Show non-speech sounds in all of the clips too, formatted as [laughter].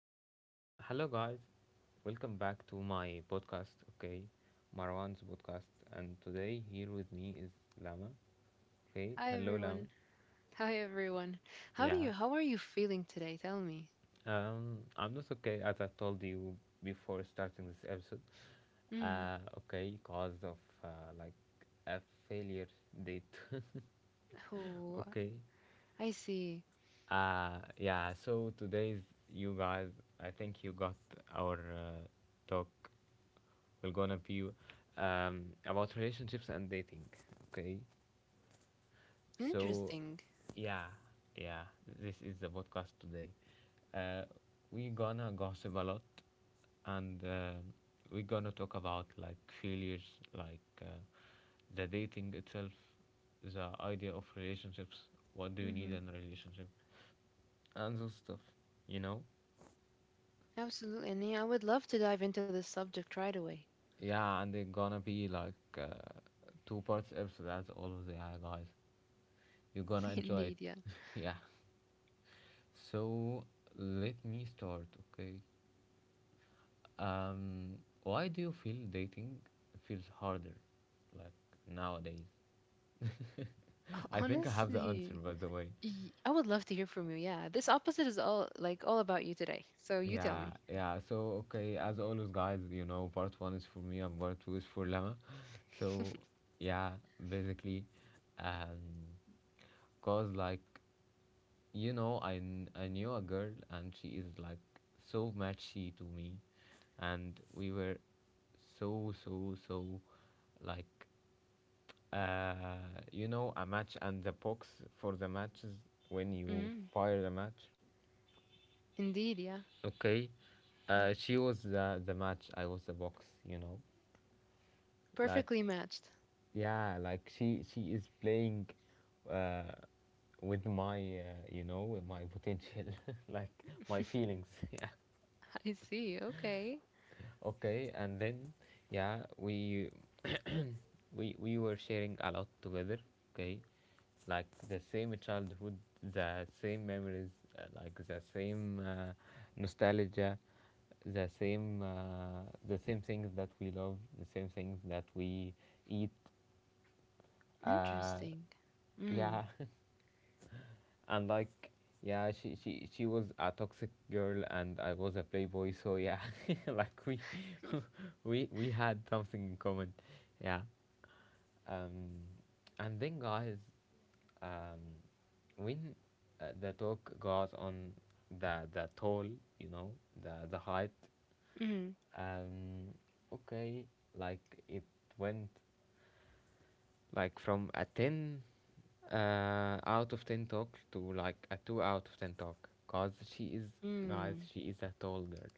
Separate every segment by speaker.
Speaker 1: Um, hello, guys. Welcome back to my podcast. Okay, Marwan's podcast. And today, here with me is Lama. Okay,
Speaker 2: Hi
Speaker 1: hello, Lama.
Speaker 2: everyone. Hi everyone.
Speaker 1: Yeah.
Speaker 2: How are you feeling today? Tell me.
Speaker 1: I'm not okay, as I told you before starting this episode.
Speaker 2: Mm.
Speaker 1: Okay, cause of a failure date. [laughs]
Speaker 2: Oh,
Speaker 1: okay,
Speaker 2: I see.
Speaker 1: Yeah, so today's, you guys, I think you got our talk. We're gonna be, about relationships and dating. Okay, so
Speaker 2: Interesting.
Speaker 1: yeah, yeah, this is the podcast today. Uh, we gonna gossip a lot, and we're gonna talk about like failures, like, the dating itself, the idea of relationships. What do you need
Speaker 2: Hmm.
Speaker 1: in a relationship? And those stuff, you know?
Speaker 2: Absolutely. And yeah, I would love to dive into this subject right away.
Speaker 1: Yeah, and they're gonna be like two parts episode. That's all of the, yeah, guys. You're gonna
Speaker 2: [laughs]
Speaker 1: enjoy
Speaker 2: Indeed,
Speaker 1: it.
Speaker 2: yeah.
Speaker 1: [laughs] Yeah. So let me start, okay? Why do you feel dating feels harder, like, nowadays?
Speaker 2: Ho-
Speaker 1: [laughs] I think I have the answer,
Speaker 2: Honestly,
Speaker 1: by the way.
Speaker 2: I would love to hear from you. Yeah. This opposite is all like all about you today. So you tell
Speaker 1: Yeah,
Speaker 2: me.
Speaker 1: yeah. So, okay, as always, guys, you know, part one is for me and part two is for Lama. So,
Speaker 2: [laughs]
Speaker 1: yeah, basically, um, cause like, you know, I knew a girl and she is like so matchy to me, and we were so, so, so like, uh, you know, a match and the box for the matches when you
Speaker 2: Mm.
Speaker 1: fire the match.
Speaker 2: Indeed, yeah.
Speaker 1: Okay.
Speaker 2: Mm.
Speaker 1: She was the match. I was the box. You know, like,
Speaker 2: Perfectly matched.
Speaker 1: yeah, like she is playing, uh, with my you know, with my potential, [laughs] like my feelings. [laughs] Yeah.
Speaker 2: [laughs] I see. Okay.
Speaker 1: Okay, and then yeah, we were sharing a lot together, okay, like the same childhood, the same memories, like the same nostalgia, the same uh, the same things that we love, the same things that we eat, uh,
Speaker 2: Interesting. Mm.
Speaker 1: yeah. [laughs] And like, yeah, she was a toxic girl and I was a playboy, so yeah. [laughs] Like we [laughs] we had something in common, yeah. um and then, guys, um when the talk goes on, the tall, you know, the height,
Speaker 2: Mm.
Speaker 1: um okay, like it went like from a 10, uh, out of 10 talk to like a 2 out of 10 talk, cause she is, guys,
Speaker 2: Mm.
Speaker 1: she is a tall girl,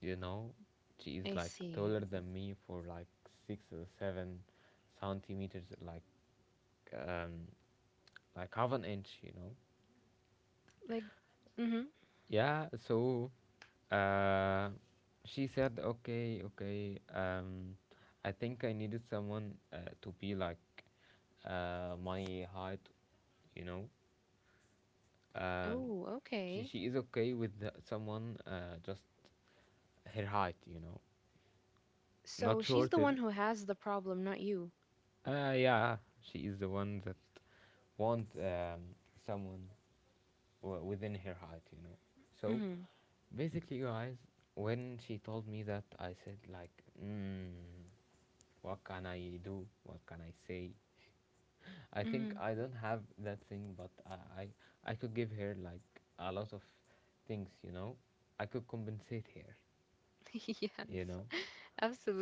Speaker 1: you know. She is
Speaker 2: I
Speaker 1: like taller
Speaker 2: see.
Speaker 1: than me for like 6 or 7 centimeters, like, um like half an inch, you know.
Speaker 2: Like, mm-hmm.
Speaker 1: Yeah, so uh, she said, okay, okay, I think I needed someone, to be like, my height, you know. Uh,
Speaker 2: Oh, okay.
Speaker 1: she is okay with the, someone, just her height, you know,
Speaker 2: So
Speaker 1: not
Speaker 2: she's the one
Speaker 1: shorter.
Speaker 2: who has the problem, not you.
Speaker 1: Yeah, she is the one that want, someone, within her height, you know. So
Speaker 2: Mm-hmm.
Speaker 1: basically, guys, when she told me that, I said like, mm, what can I do? What can I say? I think
Speaker 2: Mm-hmm.
Speaker 1: I don't have that thing, but I could give her like a lot of things, you know. I could compensate her,
Speaker 2: [laughs] Yes,
Speaker 1: you know.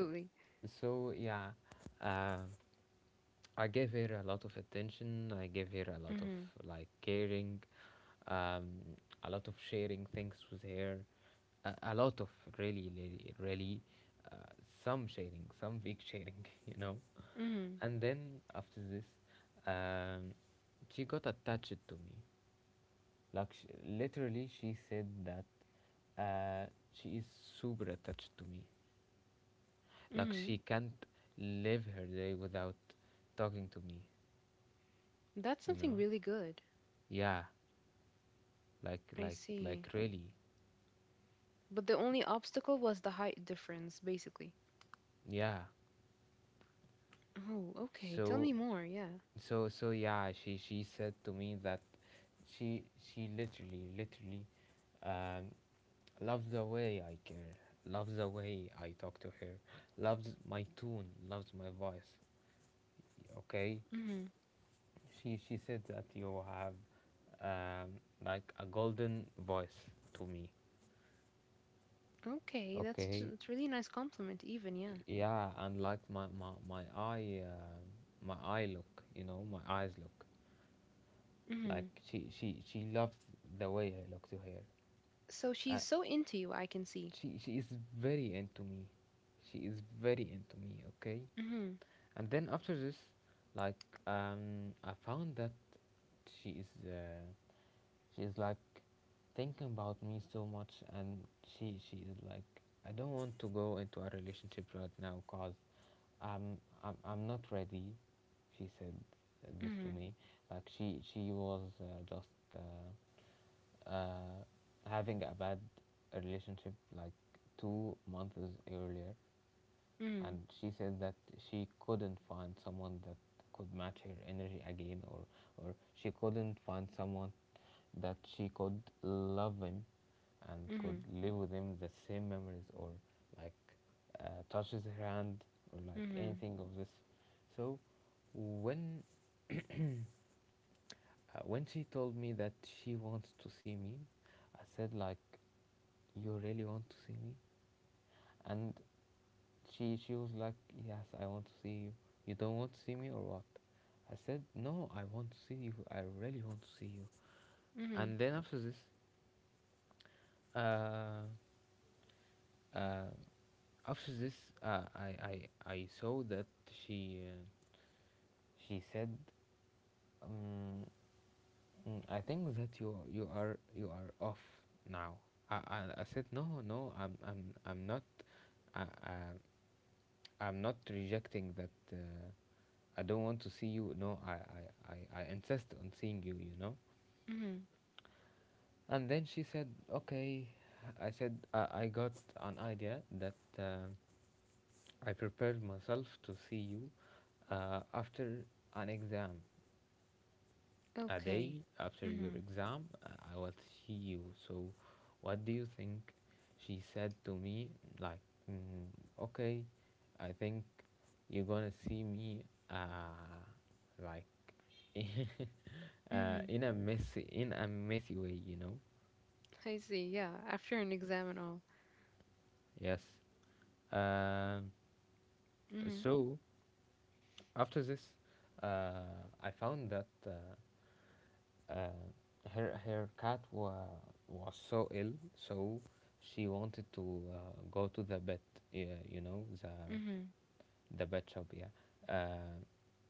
Speaker 1: So, so yeah. Um I gave her a lot of attention. I gave her a lot of
Speaker 2: Mm-hmm.
Speaker 1: like caring, um, a lot of sharing things with her, a lot of really, really, really, uh, some sharing, some big sharing, [laughs] you know.
Speaker 2: Mm-hmm.
Speaker 1: And then after this, um, she got attached to me. Like, sh literally, she said that she is super attached to me. Like
Speaker 2: Mm-hmm.
Speaker 1: she can't live her day without talking to me,
Speaker 2: That's
Speaker 1: you
Speaker 2: something
Speaker 1: know.
Speaker 2: really good.
Speaker 1: Yeah, like
Speaker 2: I
Speaker 1: like like
Speaker 2: see.
Speaker 1: really,
Speaker 2: But the only obstacle was the height difference, basically.
Speaker 1: yeah.
Speaker 2: Oh, okay. Tell
Speaker 1: So,
Speaker 2: me more. Yeah.
Speaker 1: so so yeah, she said to me that she literally, literally, um loves the way I care, loves the way I talk to her, loves my tone, loves my voice, okay.
Speaker 2: Mm-hmm.
Speaker 1: She said that you have, um like a golden voice to me.
Speaker 2: Okay, that's
Speaker 1: Okay,
Speaker 2: that's really nice compliment, even. Yeah.
Speaker 1: yeah, and like my eye, my eye look, you know, my eyes look like,
Speaker 2: Mm-hmm.
Speaker 1: she loves the way I look to her.
Speaker 2: So
Speaker 1: uh,
Speaker 2: she's so into you, I can see.
Speaker 1: she is very into me, she is very into me, okay.
Speaker 2: Mm-hmm.
Speaker 1: And then after this, like, I found that she is, she is like thinking about me so much, and she is like, I don't want to go into a relationship right now cause I'm not ready, she said this to
Speaker 2: Mm-hmm.
Speaker 1: me. Like she was just uh, uh, having a bad relationship like 2 months earlier.
Speaker 2: Mm-hmm.
Speaker 1: And she said that she couldn't find someone that could match her energy again, or she couldn't find someone that she could love him and could
Speaker 2: Mm-hmm.
Speaker 1: live with him the same memories, or like, touches her hand, or like
Speaker 2: Mm-hmm.
Speaker 1: anything of this. So when when she told me that she wants to see me, I said like, you really want to see me? And she was like, yes, I want to see you. You don't want to see me or what? I said, no, I want to see you, I really want to see you. And then after this, uh, uh after this, uh, i i I saw that she, she said, um "Mm, I think that you are, you are off now." I said, no no, I'm not. I, I I'm not rejecting that. I don't want to see you, no, I insist on seeing you, you know?
Speaker 2: Mm-hmm.
Speaker 1: And then she said, okay. I said, I got an idea that, I prepared myself to see you after an exam. A
Speaker 2: Okay.
Speaker 1: day after your
Speaker 2: Mm-hmm.
Speaker 1: exam, I will see you. So, what do you think? She said to me, like, mm, okay, I think you're gonna see me, like, [laughs]
Speaker 2: Mm-hmm.
Speaker 1: in a messy way, you know.
Speaker 2: I see. Yeah. After an exam and all.
Speaker 1: Yes. Um.
Speaker 2: Mm-hmm.
Speaker 1: So after this, I found that. Uh, her cat was so ill, so she wanted to go to the vet. Yeah, you know, the
Speaker 2: Mm-hmm.
Speaker 1: the vet shop. Yeah, uh,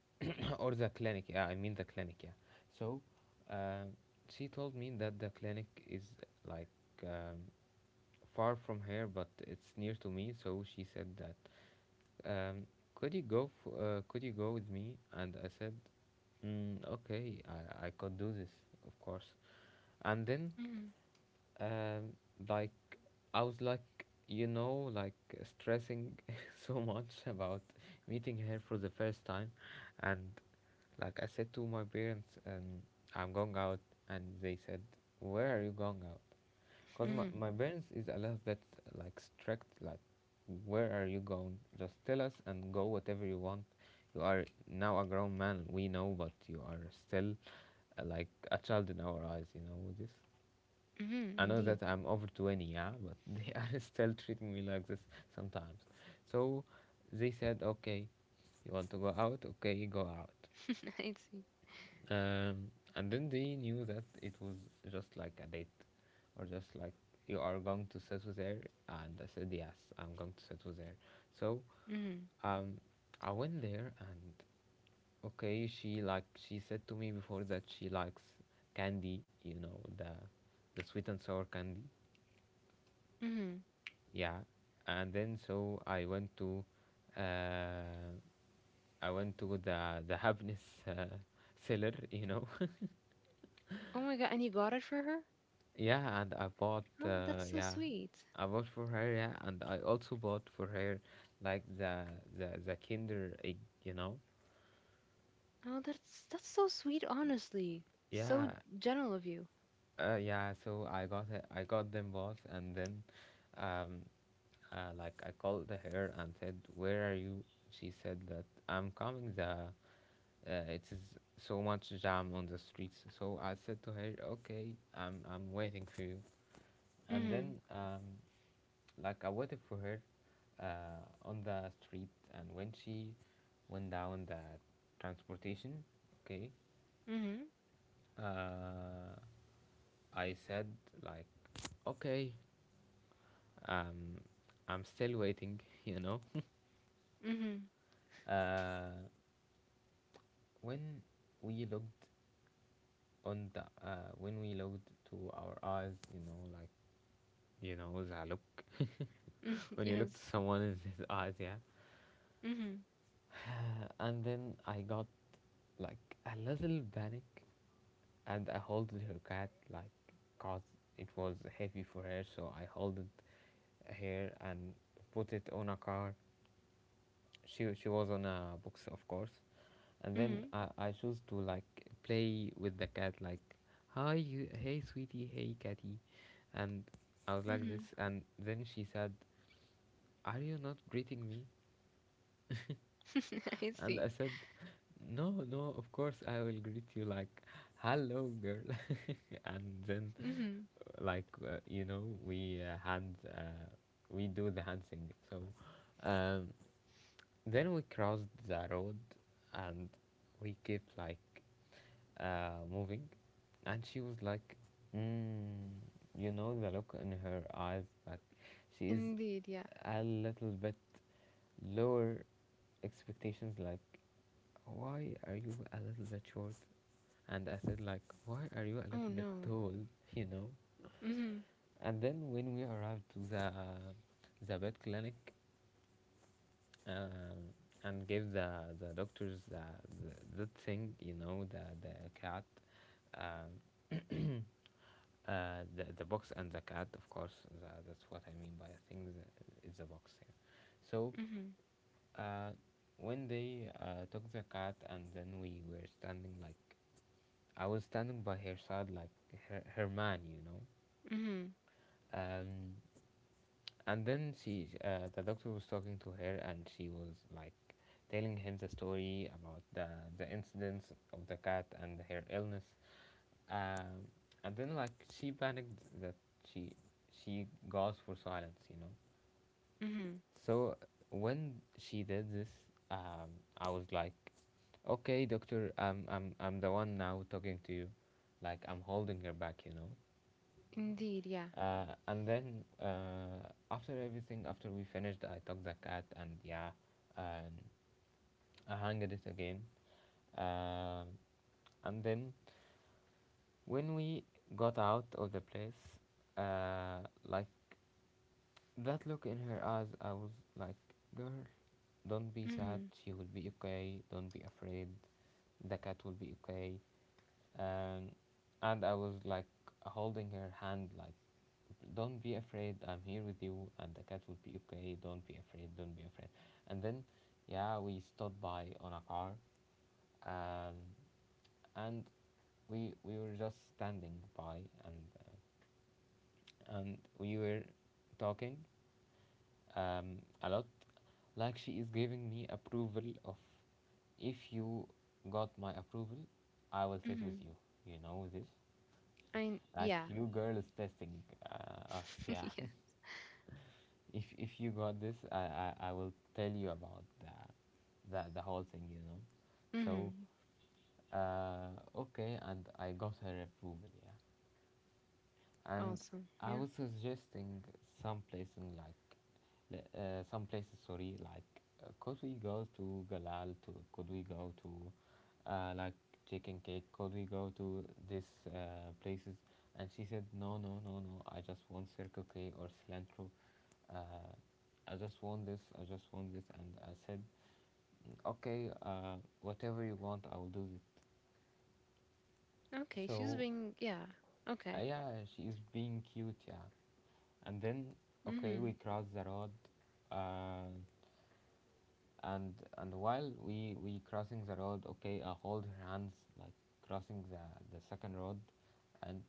Speaker 1: [coughs] or the clinic. Yeah, I mean the clinic. Yeah. So uh, she told me that the clinic is like, um, far from here, but it's near to me. So she said that, um, could you go, could you go with me? And I said, mm, okay, I could do this, of course. And then,
Speaker 2: Mm-hmm.
Speaker 1: um, like, I was like, you know, like, stressing [laughs] so much about meeting her for the first time. And like, I said to my parents, I'm going out. And they said, where are you going out? Because
Speaker 2: Mm-hmm.
Speaker 1: my parents is a little bit like strict, like, where are you going? Just tell us and go whatever you want, you are now a grown man, we know, but you are still, like a child in our eyes, you know this.
Speaker 2: Mm-hmm.
Speaker 1: I know
Speaker 2: Indeed.
Speaker 1: that I'm over 20, yeah, but [laughs] they are still treating me like this sometimes. So they said, okay, you want to go out? Okay, go out.
Speaker 2: [laughs] I see.
Speaker 1: And then they knew that it was just like a date, or just like, you are going to settle there. And I said, yes, I'm going to settle there. So,
Speaker 2: Mm-hmm.
Speaker 1: um, I went there and, okay, she like, she said to me before that she likes candy, you know, the sweet and sour candy.
Speaker 2: Mm-hmm.
Speaker 1: Yeah, and then so uh, I went to the happiness [laughs] seller, you know. [laughs]
Speaker 2: Oh my God. And you got it for her?
Speaker 1: Yeah, and I bought,
Speaker 2: Oh, that's so
Speaker 1: yeah,
Speaker 2: sweet.
Speaker 1: I bought for her. Yeah, and I also bought for her, like the Kinder egg, you know.
Speaker 2: Oh, that's so sweet, honestly. So
Speaker 1: Yeah,
Speaker 2: gentle of you.
Speaker 1: yeah. So I got it, I got them both. And then, um, like, I called her and said, "Where are you?" She said that, I'm coming the, it is so much jam on the streets. So I said to her, "Okay, I'm waiting for you." And
Speaker 2: Mm-hmm.
Speaker 1: then, like, I waited for her on the street, and when she went down the transportation, okay,
Speaker 2: Mm-hmm.
Speaker 1: uh, I said like, "Okay, um, I'm still waiting," [laughs] you know.
Speaker 2: Mm-hmm.
Speaker 1: Uh, when we looked on the, when we looked to our eyes, you know, like, you know who's Alok.
Speaker 2: [laughs]
Speaker 1: [laughs] When you look
Speaker 2: Yes.
Speaker 1: to someone in his eyes, yeah.
Speaker 2: Mm-hmm.
Speaker 1: [sighs] And then I got like a little panic, and I holded her cat, like, cause it was heavy for her. So I holded her and put it on a car. She was on a box, of course. And
Speaker 2: Mm-hmm.
Speaker 1: then I chose to like play with the cat, like, hey sweetie, hey catty. And I was like
Speaker 2: Mm-hmm.
Speaker 1: this, and then she said, are you not greeting me?
Speaker 2: [laughs] I
Speaker 1: And
Speaker 2: see.
Speaker 1: I said, no, no, of course I will greet you, like, hello, girl. [laughs] And then,
Speaker 2: Mm-hmm.
Speaker 1: like, you know, we do the hand thing. So um, then we crossed the road and we kept like moving. And she was like, mm, you know, the look in her eyes, like, she is
Speaker 2: Indeed, yeah.
Speaker 1: a little bit lower expectations, like, why are you a little bit short? And I said, like, why are you a
Speaker 2: Oh
Speaker 1: little bit
Speaker 2: no.
Speaker 1: tall? You know.
Speaker 2: Mm-hmm.
Speaker 1: And then when we arrived to the vet clinic, uh, and gave the doctors the that thing, you know, the cat, uh, the box and the cat. Of course, that's what I mean by I think it's a box. Yeah. So
Speaker 2: Mm-hmm.
Speaker 1: uh, when they took the cat and then we were standing like I was standing by her side like her, her man, you know.
Speaker 2: Mm-hmm.
Speaker 1: Um, and then she, the doctor was talking to her, and she was like telling him the story about the incidents of the cat and her illness. Um, and then like she panicked that she she gasped for silence, you know.
Speaker 2: Mm-hmm.
Speaker 1: So when she did this, um, I was like, okay, doctor, I'm the one now talking to you, like I'm holding her back, you know.
Speaker 2: Indeed, yeah.
Speaker 1: And then After everything, after we finished, I took the cat and yeah, um, I hanged it again. Uh, and then when we got out of the place, like that look in her eyes, I was like, girl, don't be sad.
Speaker 2: Mm-hmm.
Speaker 1: She will be okay. Don't be afraid. The cat will be okay. um, and I was like holding her hand, like, "Don't be afraid. I'm here with you, and the cat will be okay. Don't be afraid. Don't be afraid." And then, yeah, we stopped by on a car, um, and we were just standing by, and and we were talking, a lot. Like she is giving me approval of, if you got my approval, I will sit with
Speaker 2: Mm-hmm.
Speaker 1: you. You know this
Speaker 2: I
Speaker 1: like
Speaker 2: yeah.
Speaker 1: you girls testing us,
Speaker 2: [laughs]
Speaker 1: yeah. [laughs]
Speaker 2: yeah.
Speaker 1: If you got this, I will tell you about that the whole thing, you know. So
Speaker 2: Mm-hmm.
Speaker 1: okay, and I got her approval, yeah. And
Speaker 2: Awesome.
Speaker 1: I
Speaker 2: Yeah.
Speaker 1: was suggesting some place in like, some places. Sorry, like, could we go to Galal? To Could we go to, like chicken cake? Could we go to this places? And she said, no, no, no, no. I just want Circle K or cilantro. Uh, I just want this. I just want this. And I said, "Mm, okay, whatever you want, I will do it."
Speaker 2: Okay. She's
Speaker 1: So
Speaker 2: being yeah. Okay.
Speaker 1: yeah, she is being cute, yeah. And then, okay,
Speaker 2: Mm-hmm.
Speaker 1: we cross the road, uh, and while we crossing the road, okay, I hold her hands like crossing the second road, and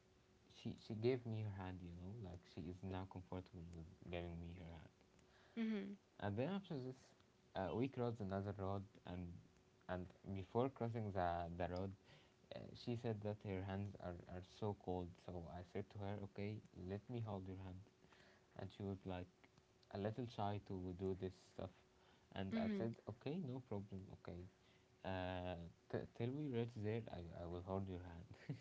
Speaker 1: she gave me her hand, you know, like she is now comfortable with giving me her hand.
Speaker 2: Mm-hmm.
Speaker 1: And then after this, we crossed another road, and and before crossing the road, she said that her hands are so cold. So I said to her, "Okay, let me hold your hand," and she was like a little shy to do this stuff, and I
Speaker 2: Mm-hmm.
Speaker 1: said, "Okay, no problem. Okay, uh, till we reach there, I will hold your hand."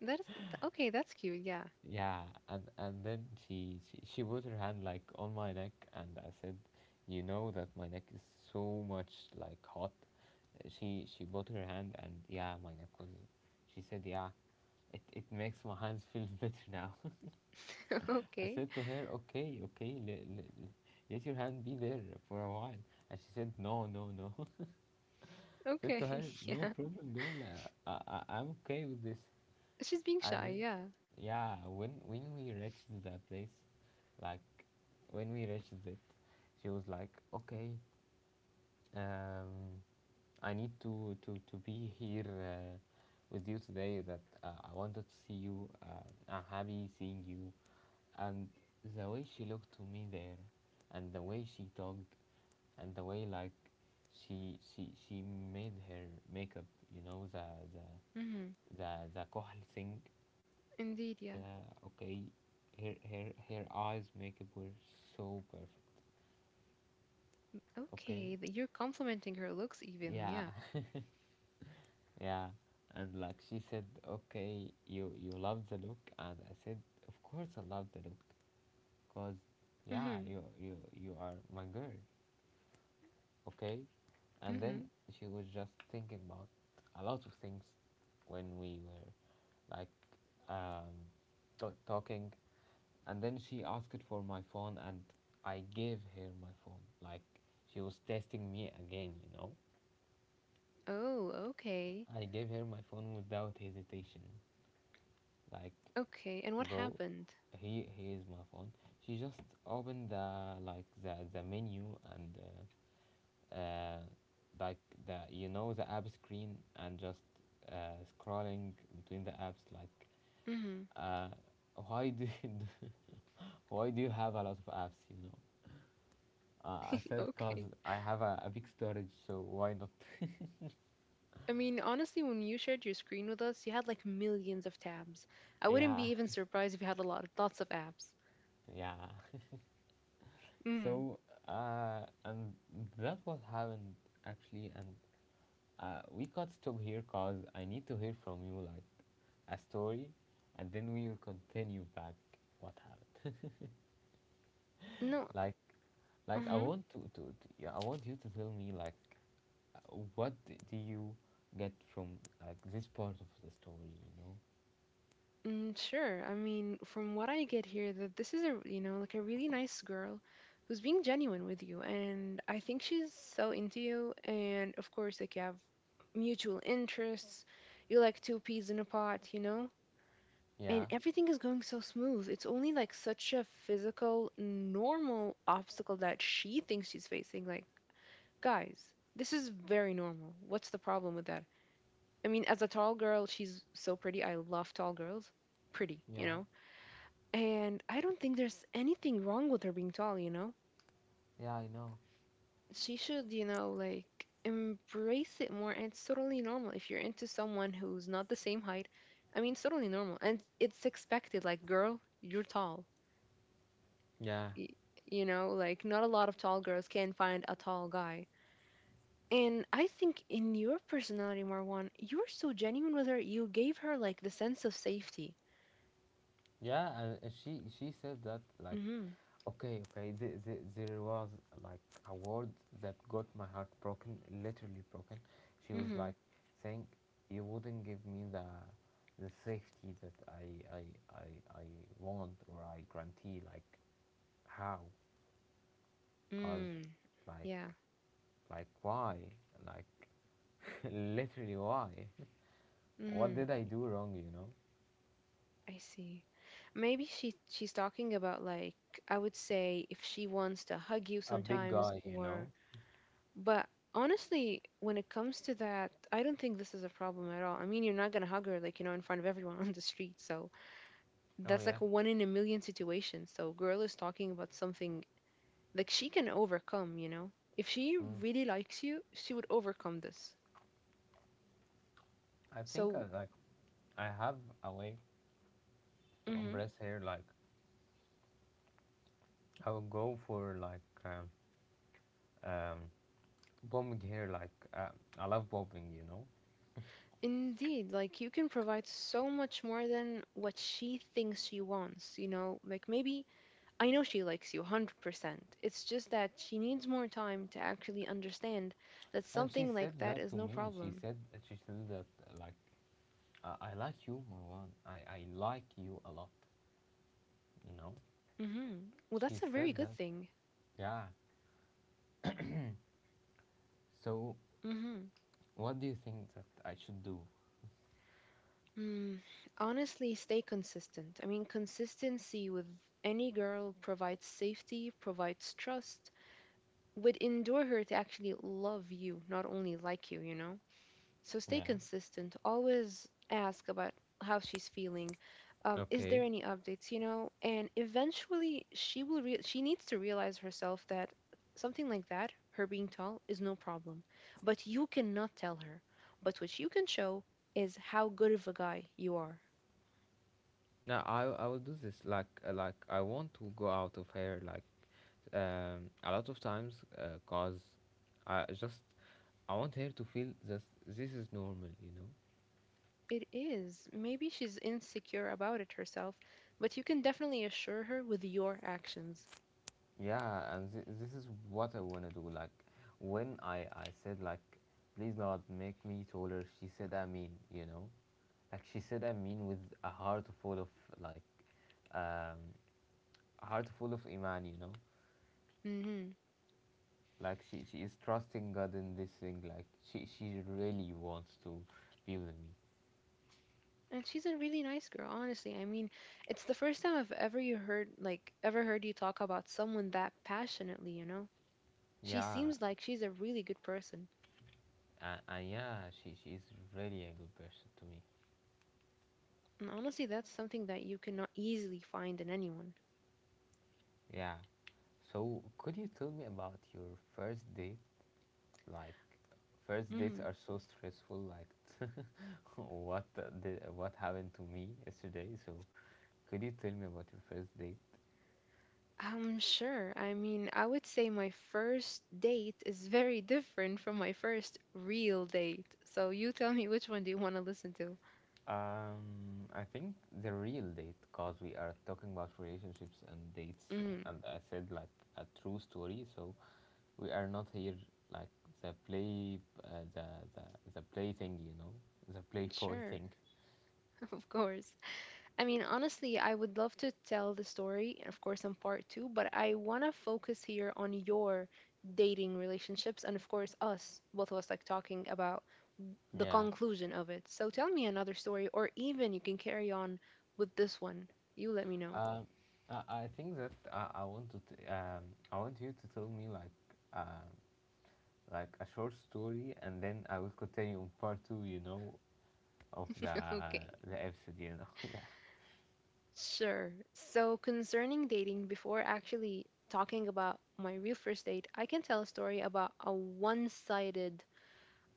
Speaker 2: That is okay, that's cute, yeah.
Speaker 1: Yeah, and then she, she put her hand like on my neck, and I said, "You know that my neck is so much like hot." She put her hand, and yeah, my neck was. She said, "Yeah, it makes my hands feel [laughs] better now."
Speaker 2: [laughs]
Speaker 1: I
Speaker 2: okay.
Speaker 1: said to her, "Okay, okay, let your hand be there for a while," and she said, "No, no, no." [laughs] I said to
Speaker 2: Okay.
Speaker 1: her,
Speaker 2: [laughs]
Speaker 1: "No
Speaker 2: Yeah.
Speaker 1: problem, girl. I'm okay with this."
Speaker 2: She's being
Speaker 1: I
Speaker 2: shy,
Speaker 1: did,
Speaker 2: yeah.
Speaker 1: yeah, when we reached the place, like when we reached it, she was like, okay, um I need to be here, with you today. That I wanted to see you. I'm happy seeing you. And the way she looked to me there, and the way she talked, and the way like she made her makeup, you know, the
Speaker 2: Mm-hmm.
Speaker 1: the kohl thing,
Speaker 2: Indeed, yeah.
Speaker 1: yeah, okay. Her eyes makeup were so perfect. Okay.
Speaker 2: Okay. You're complimenting her looks even,
Speaker 1: Yeah.
Speaker 2: yeah.
Speaker 1: [laughs] Yeah. And like she said, okay, you love the look, and I said, of course I love the look, cause yeah,
Speaker 2: Mm-hmm.
Speaker 1: you are my girl, okay. And then
Speaker 2: Mm-hmm.
Speaker 1: she was just thinking about a lot of things when we were like um, talking, and then she asked for my phone, and I gave her my phone like she was testing me again, you know.
Speaker 2: Oh, okay.
Speaker 1: I gave her my phone without hesitation, like,
Speaker 2: Okay. And what
Speaker 1: go,
Speaker 2: happened?
Speaker 1: here, here's my phone. She just opened the like the menu and uh, like the, you know, the app screen, and just scrolling between the apps, like,
Speaker 2: Mm-hmm.
Speaker 1: uh, why do you do, [laughs] why do you have a lot of apps, you know. I
Speaker 2: [laughs]
Speaker 1: said, because
Speaker 2: okay.
Speaker 1: I have a big storage, so why not?
Speaker 2: I mean, honestly, when you shared your screen with us, you had like millions of tabs. I wouldn't
Speaker 1: [laughs] Yeah,
Speaker 2: be even surprised if you had a lot of lots of apps.
Speaker 1: yeah.
Speaker 2: Mm.
Speaker 1: So, and that what happened actually, and we got stop here because I need to hear from you like a story, and then we will continue back what happened.
Speaker 2: No.
Speaker 1: [laughs] like, like I
Speaker 2: Mm-hmm.
Speaker 1: want to, yeah, I want you to tell me like, uh, what do you get from like this part of the story, you know.
Speaker 2: Mm, sure. I mean, from what I get here, that this is a like a really nice girl who's being genuine with you, and I think she's so into you. And of course, like you have mutual interests. You like two peas in a pot. And
Speaker 1: Yeah.
Speaker 2: everything is going so smooth. It's only like such a physical, normal obstacle that she thinks she's facing. Like, guys, this is very normal. What's the problem with that? I mean, as a tall girl, she's so pretty. I love tall girls. Pretty, you
Speaker 1: Yeah,
Speaker 2: know? And I don't think there's anything wrong with her being tall, you know?
Speaker 1: yeah, I know.
Speaker 2: She should, like embrace it more. And it's totally normal if you're into someone who's not the same height. I mean, it's totally normal. And it's expected. Like, girl, you're tall.
Speaker 1: Yeah.
Speaker 2: y- like, not a lot of tall girls can find a tall guy. And I think in your personality, Marwan, you're so genuine with her. You gave her like the sense of safety.
Speaker 1: Yeah, and she said that like,
Speaker 2: Mhm.
Speaker 1: okay, okay, there was like a word that got my heart broken, literally broken. She was
Speaker 2: Mhm.
Speaker 1: like saying, "You wouldn't give me the safety that I I, I want or I guarantee. Like, how? Cause,
Speaker 2: Mm.
Speaker 1: like,
Speaker 2: Yeah.
Speaker 1: like why? Like, [laughs] literally why? [laughs] What
Speaker 2: Mhm.
Speaker 1: did I do wrong? You know,
Speaker 2: I see. Maybe she's talking about, like, I would say if she wants to hug you
Speaker 1: a big
Speaker 2: sometimes.
Speaker 1: guy. You
Speaker 2: Or
Speaker 1: know.
Speaker 2: but honestly, when it comes to that, I don't think this is a problem at all. I mean, you're not going to hug her like in front of everyone [laughs] on the street, so
Speaker 1: Oh
Speaker 2: that's
Speaker 1: yeah.
Speaker 2: like a one in a million situation. So girl is talking about something like she can overcome. If she
Speaker 1: Mm.
Speaker 2: really likes you, she would overcome this.
Speaker 1: I think I
Speaker 2: So
Speaker 1: like I have a way to
Speaker 2: hmm
Speaker 1: embrace hair. Like I will go for like um, bombing hair. Like I love bobbing, you know.
Speaker 2: indeed, like you can provide so much more than what she thinks she wants. Like, maybe I know she likes you 100%. It's just that she needs more time to actually understand that
Speaker 1: And she
Speaker 2: something like
Speaker 1: said
Speaker 2: that
Speaker 1: that
Speaker 2: is
Speaker 1: to
Speaker 2: no
Speaker 1: me. She
Speaker 2: problem.
Speaker 1: said that like I like you, Marwan. I like you a lot, you know.
Speaker 2: Hmm. Well,
Speaker 1: She
Speaker 2: that's a very
Speaker 1: said
Speaker 2: good
Speaker 1: that.
Speaker 2: thing.
Speaker 1: Yeah. So
Speaker 2: Hmm.
Speaker 1: what do you think that I should do?
Speaker 2: Mm, honestly, stay consistent. I mean, consistency with any girl provides safety, provides trust, would endure her to actually love you, not only like you know? So stay
Speaker 1: Yeah.
Speaker 2: consistent. Always ask about how she's feeling. Is there
Speaker 1: Okay.
Speaker 2: any updates, you know? And eventually, she needs to realize herself that something like that, her being tall, is no problem. But you cannot tell her. But what you can show is how good of a guy you are.
Speaker 1: No, I will do this like I want to go out of here like a lot of times, cause I just I want her to feel that this is normal, you know.
Speaker 2: It is. Maybe she's insecure about it herself, but you can definitely assure her with your actions.
Speaker 1: Yeah, and this is what I want to do. Like, when I said, like, please not make me taller, she said, I mean, you know? Like, she said, I mean, with a heart full of, like, um, a heart full of Iman, you know?
Speaker 2: Hmm.
Speaker 1: Like she is trusting God in this thing, like she really wants to be with me.
Speaker 2: And she's a really nice girl, honestly. I mean, it's the first time I've ever heard you talk about someone that passionately, you know? She
Speaker 1: Yeah.
Speaker 2: seems like she's a really good person.
Speaker 1: And, yeah, she is really a good person to me.
Speaker 2: And honestly, that's something that you cannot easily find in anyone.
Speaker 1: Yeah. So could you tell me about your first date? Like first dates
Speaker 2: hmm
Speaker 1: are so stressful, like [laughs] what what happened to me yesterday. So could you tell me about your first date?
Speaker 2: Sure. I mean, I would say my first date is very [laughs] different from my first real date. So you tell me which one do you want to listen to?
Speaker 1: I think the real date, cause we are talking about relationships and dates,
Speaker 2: Mm,
Speaker 1: and I said like a true story. So we are not here like the play, the the play thing, you know, the playboy [laughs]
Speaker 2: sure,
Speaker 1: thing.
Speaker 2: [laughs] of course. I mean, honestly, I would love to tell the story, of course, in part two, but I want to focus here on your dating relationships and, of course, us, both of us, like talking about the
Speaker 1: Yeah.
Speaker 2: conclusion of it. So tell me another story, or even you can carry on with this one. You let me know.
Speaker 1: Um, I think that I want to I want you to tell me like, uh, like a short story, and then I will continue on part two, you know, of
Speaker 2: [laughs] Okay.
Speaker 1: the episode, you know. [laughs] Yeah.
Speaker 2: Sure. So, concerning dating, before actually talking about my real first date, I can tell a story about a one sided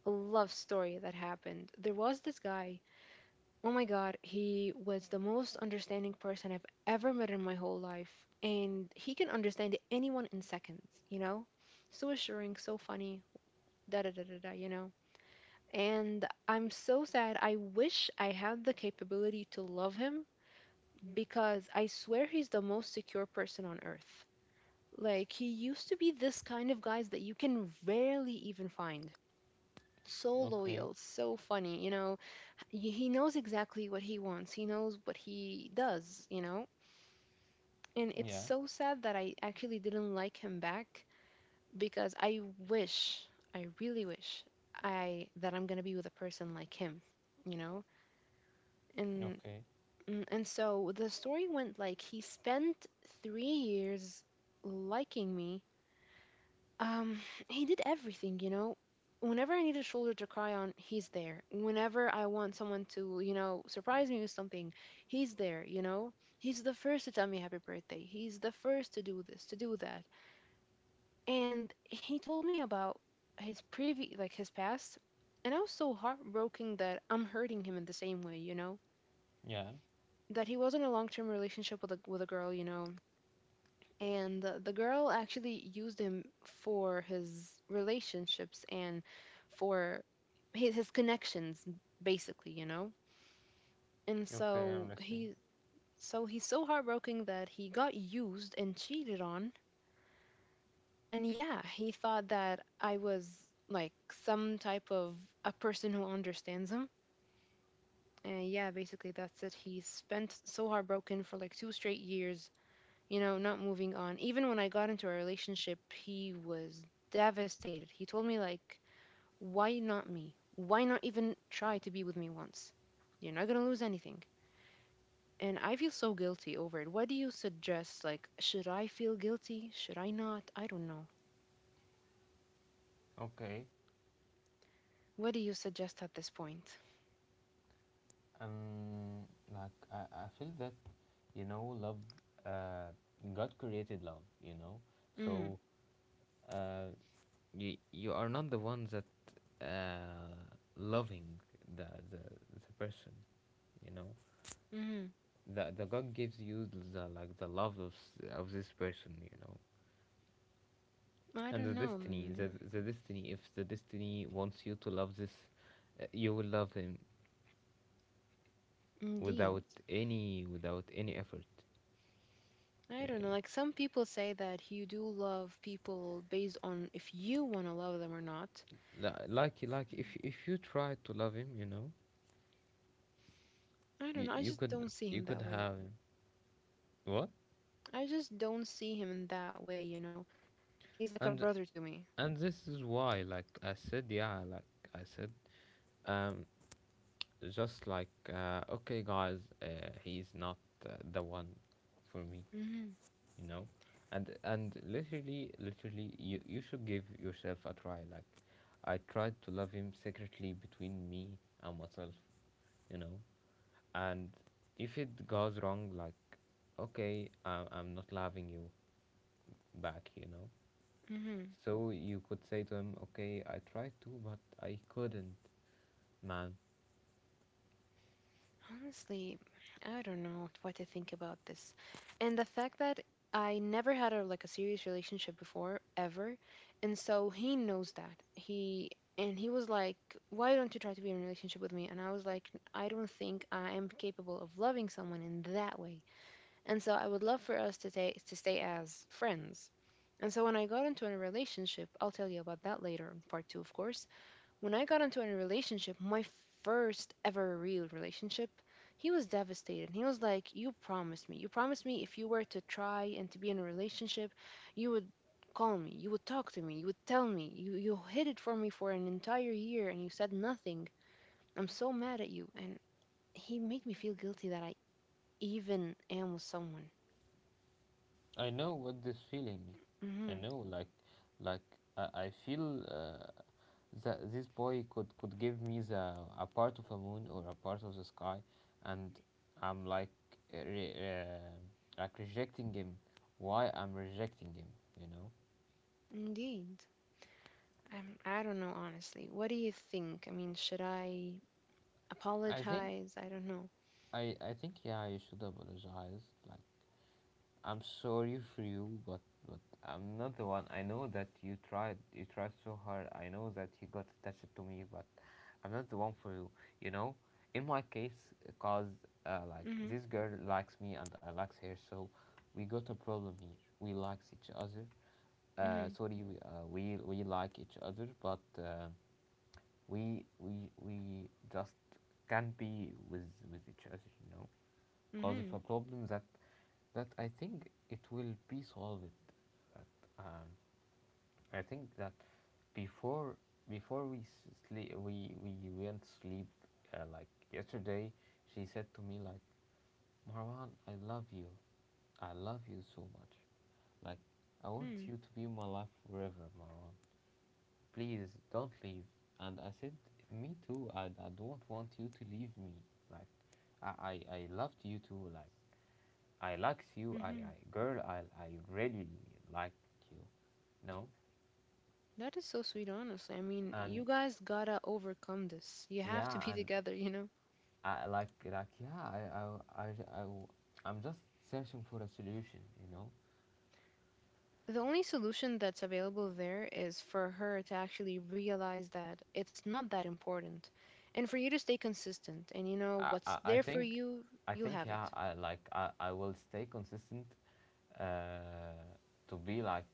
Speaker 2: love story that happened. There was this guy, oh my God, he was the most understanding person I've ever met in my whole life. And he can understand anyone in seconds, you know? So assuring, so funny, da da da da da, you know? And I'm so sad. I wish I had the capability to love him because I swear he's the most secure person on earth. Like, he used to be this kind of guys that you can rarely even find. So
Speaker 1: Okay.
Speaker 2: loyal, so funny. He knows exactly what he wants. He knows what he does. And it's
Speaker 1: Yeah.
Speaker 2: so sad that I actually didn't like him back because wish, I really wish I that I'm going to be with a person like him, you know. And
Speaker 1: Okay.
Speaker 2: And so the story went like he spent 3 years liking me. Um, [sighs] he did everything. Whenever I need a shoulder to cry on, he's there. Whenever I want someone to, surprise me with something, he's there. He's the first to tell me happy birthday. He's the first to do this, to do that. And he told me about his previous, like his past. And I was so heartbroken that I'm hurting him in the same way.
Speaker 1: Yeah.
Speaker 2: That he wasn't a long-term relationship with a girl, and the girl actually used him for his relationships and for his connections, basically, and
Speaker 1: Okay, I'm
Speaker 2: so
Speaker 1: listening.
Speaker 2: he so he's so heartbroken that he got used and cheated on. And yeah, he thought that I was, like, some type of a person who understands him. And yeah, basically that's it. He spent so heartbroken for like two straight years, not moving on. Even when I got into a relationship, he was devastated. He told me, like, why not me? Why not even try to be with me once? You're not going to lose anything. And I feel so guilty over it. What do you suggest? Like, should I feel guilty? Should I not? I don't know.
Speaker 1: Okay.
Speaker 2: What do you suggest at this point?
Speaker 1: Um, like I feel that, you know, love, uh, God created love, you know,
Speaker 2: Mm.
Speaker 1: so, uh, you you are not the ones that, uh, loving the the the person, you know.
Speaker 2: Hmm.
Speaker 1: The God gives you the like the love of of this person, you know,
Speaker 2: I
Speaker 1: and
Speaker 2: don't
Speaker 1: the
Speaker 2: know.
Speaker 1: destiny.
Speaker 2: Mm.
Speaker 1: The destiny. If the destiny wants you to love this, you will love him
Speaker 2: Indeed.
Speaker 1: without any effort
Speaker 2: I don't know.
Speaker 1: yeah,
Speaker 2: Like, some people say that you do love people based on if you want to love them or not.
Speaker 1: like if you try to love him, you know,
Speaker 2: I don't
Speaker 1: you,
Speaker 2: know. I
Speaker 1: you
Speaker 2: just
Speaker 1: could
Speaker 2: don't see
Speaker 1: you
Speaker 2: him
Speaker 1: could
Speaker 2: that way.
Speaker 1: have him. What?
Speaker 2: I just don't see him in that way. He's like a
Speaker 1: and
Speaker 2: brother to me.
Speaker 1: and this is why, like I said, yeah, like I said, um just like, okay, guys, he's not, the one for me,
Speaker 2: hmm
Speaker 1: you know. And literally you should give yourself a try. Like, I tried to love him secretly between me and myself, you know. And if it goes wrong, like, okay, I'm not loving you back, you know.
Speaker 2: hmm
Speaker 1: So you could say to him, okay, I tried to, but I couldn't, man.
Speaker 2: Honestly, I don't know what to think about this. And the fact that I never had a like a serious relationship before ever, and so he knows that. He and he was like, "Why don't you try to be in a relationship with me?" And I was like, "I don't think I am capable of loving someone in that way." And so I would love for us to stay as friends. And so when I got into a relationship, I'll tell you about that later in part two, of course. When I got into a relationship, my first ever real relationship, he was devastated. He was like, you promised me. You promised me if you were to try and to be in a relationship, you would call me, you would talk to me, you would tell me. You hid it from me for an entire year and you said nothing. I'm so mad at you. And he made me feel guilty that I even am with someone.
Speaker 1: I know what this feeling. I
Speaker 2: Hmm.
Speaker 1: know, like I feel that this boy could give me the a part of a moon or a part of the sky, and I'm like, uh, re, uh, like rejecting him. Why I'm rejecting him? You know.
Speaker 2: Indeed. I don't know, honestly. What do you think? I mean, should I
Speaker 1: I think
Speaker 2: apologize? I don't know.
Speaker 1: I think, yeah, you should apologize. Like, I'm sorry for you, but I'm not the one. I know that you tried. You tried so hard. I know that you got attached to me, but I'm not the one for you. You know, in my case, because like
Speaker 2: Mm-hmm.
Speaker 1: this girl likes me and I likes her. So we got a problem here. We likes each other.
Speaker 2: Mm-hmm.
Speaker 1: Sorry, we like each other, but we just can't be with each other, you know, because of
Speaker 2: Mm-hmm.
Speaker 1: a problem that I think it will be solved. But um I think that before before we sleep, we went sleep like yesterday, she said to me, like, Marwan, I love you so much, like, I want
Speaker 2: Hmm.
Speaker 1: you to be in my life forever, Marwan. Please don't leave. And I said, me too. I don't want you to leave me. Like, I loved you too. Like. I likes you, I,
Speaker 2: Mm-hmm.
Speaker 1: I girl, I really like you. No,
Speaker 2: That is so sweet, honestly. I mean,
Speaker 1: and
Speaker 2: you guys gotta overcome this. You have to
Speaker 1: yeah,
Speaker 2: be [laughs]
Speaker 1: and
Speaker 2: together, you know?
Speaker 1: I like, like, yeah, I I'm just searching for a solution, you know.
Speaker 2: The only solution that's available there is for her to actually realize that it's not that important and for you to stay consistent. And you know,
Speaker 1: I,
Speaker 2: what's
Speaker 1: I, I
Speaker 2: there for
Speaker 1: think
Speaker 2: you,
Speaker 1: I
Speaker 2: you'll
Speaker 1: think,
Speaker 2: have
Speaker 1: yeah,
Speaker 2: it.
Speaker 1: I like, I will stay consistent, uh, to be like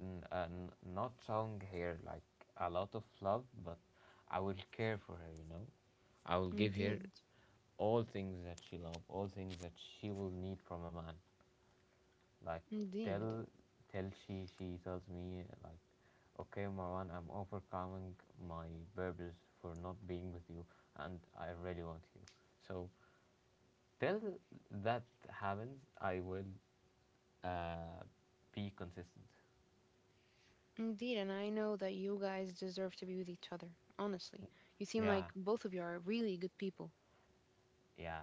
Speaker 1: not showing her like a lot of love, but I will care for her, you know. I will give her
Speaker 2: Indeed.
Speaker 1: all things that she love, all things that she will need from a man. Like, tell
Speaker 2: Indeed.
Speaker 1: tell she tells me like, okay, Marwan, I'm overcoming my burdens for not being with you, and I really want you. So till that happens, I will, uh, be consistent.
Speaker 2: Indeed, and I know that you guys deserve to be with each other. Honestly, you seem like
Speaker 1: Yeah,
Speaker 2: both of you are really good people.
Speaker 1: yeah.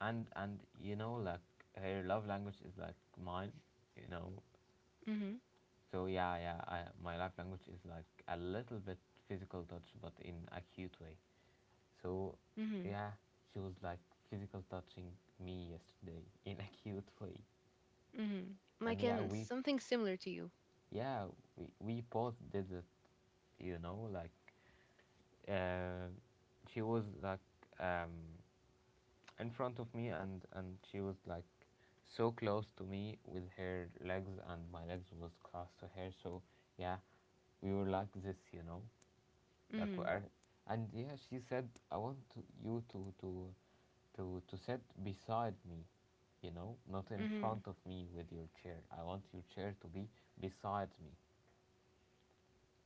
Speaker 1: And you know, like, her love language is like mine, you know.
Speaker 2: Mhm,
Speaker 1: So yeah, yeah, my love language is like a little bit physical touch, but in a cute way. So,
Speaker 2: mhm,
Speaker 1: yeah, she was like physical touching me yesterday [laughs] in a cute way,
Speaker 2: mhm.
Speaker 1: and
Speaker 2: Like
Speaker 1: yeah,
Speaker 2: in something similar to you.
Speaker 1: yeah, we both did it, you know, like, uh, she was like, um, in front of me, and she was like so close to me with her legs, and my legs was close to her, so yeah, we were like this, you know. Like,
Speaker 2: Mhm,
Speaker 1: and yeah, she said, "I want to, you to to sit beside me, you know, not in
Speaker 2: mhm,
Speaker 1: front of me with your chair. I want your chair to be beside me."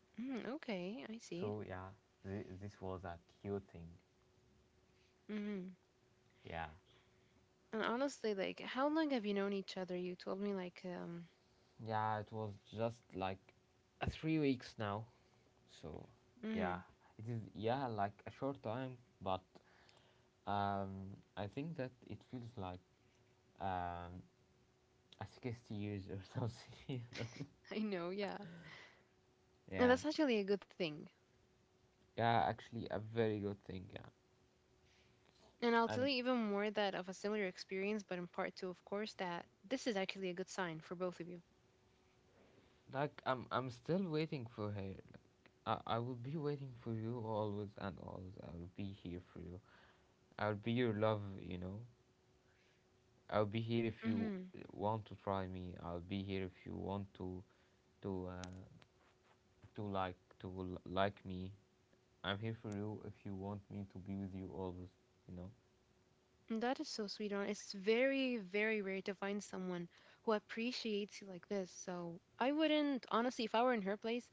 Speaker 2: mhm. Okay, I see.
Speaker 1: So yeah, this was a cute thing.
Speaker 2: Mhm.
Speaker 1: Yeah,
Speaker 2: And honestly, like, how long have you known each other? You told me like,
Speaker 1: yeah, it was just like, 3 weeks now. So yeah,
Speaker 2: mhm.
Speaker 1: it is, yeah, like a short time, but I think that it feels like, um, a 60 years or [laughs] something. You know?
Speaker 2: [laughs] I know, yeah. And
Speaker 1: Yeah.
Speaker 2: that's actually a good thing.
Speaker 1: Yeah, actually, a very good thing. Yeah,
Speaker 2: And I'll tell you
Speaker 1: and
Speaker 2: even more that of a similar experience, but in part two, of course, that this is actually a good sign for both of you.
Speaker 1: like I'm still waiting for her. I will be waiting for you always and always. I will be here for you. I'll be your love. You know, I'll be here if you
Speaker 2: Mhm.
Speaker 1: want to try me. I'll be here if you want to, to, uh, to like, like me. I'm here for you if you want me to be with you always. You know.
Speaker 2: That is so sweet, on. It's very, very rare to find someone who appreciates you like this. So I wouldn't, honestly, if I were in her place,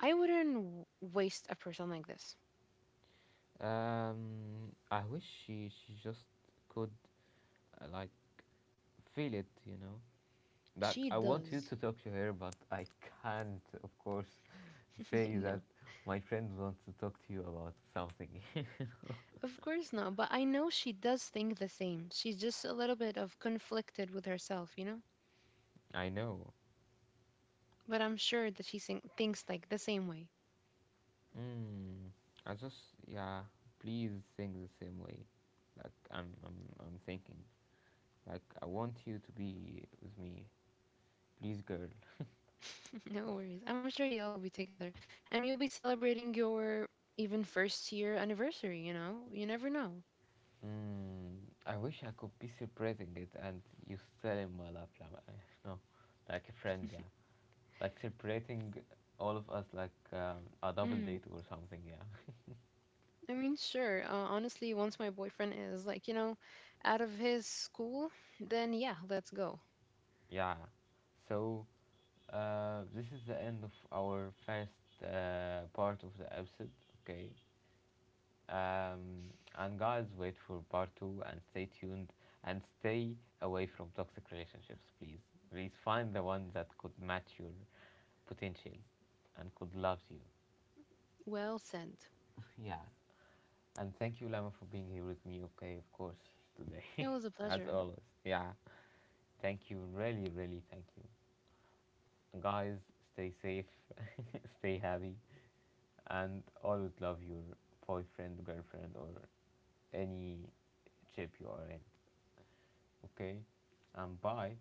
Speaker 2: I wouldn't waste a person like this.
Speaker 1: I wish she just could, like, feel it. You know, Doc,
Speaker 2: She
Speaker 1: I want you
Speaker 2: does.
Speaker 1: to talk to her, but I can't, of course,
Speaker 2: [laughs]
Speaker 1: say
Speaker 2: I
Speaker 1: that
Speaker 2: know.
Speaker 1: my friend wants to talk to you about something.
Speaker 2: Of course not, but I know she does think the same. She's just a little bit of conflicted with herself, you know?
Speaker 1: [laughs] I know.
Speaker 2: But I'm sure that she thinks like the same way.
Speaker 1: Mm, I just, yeah, please think the same way. Like, I'm thinking. Like, I want you to be with me. Please, girl.
Speaker 2: [laughs] No worries. I'm sure y'all will be together. And you'll be celebrating your even first year anniversary, you know? You never know.
Speaker 1: Mm, I wish I could be celebrating it and you still in my lap, like, no. Like a friend, yeah. Like celebrating all of us, like, a double
Speaker 2: Mm-hmm.
Speaker 1: date or something, yeah.
Speaker 2: I mean, sure. Honestly, once my boyfriend is like, out of his school, then yeah, let's go.
Speaker 1: Yeah. So, this is the end of our first, part of the episode. Okay. Um, and guys, wait for part two and stay tuned, and stay away from toxic relationships, please. Please find the one that could match your potential and could love you.
Speaker 2: Well said.
Speaker 1: [laughs] Yeah. And thank you, Lama, for being here with me. Okay, of course,
Speaker 2: It
Speaker 1: today,
Speaker 2: was a
Speaker 1: [laughs] as
Speaker 2: pleasure.
Speaker 1: always. Yeah. Thank you. Really, really, thank you. Guys, stay safe, [laughs] stay happy, and always love your boyfriend, girlfriend, or any chip you are in. Okay? And bye.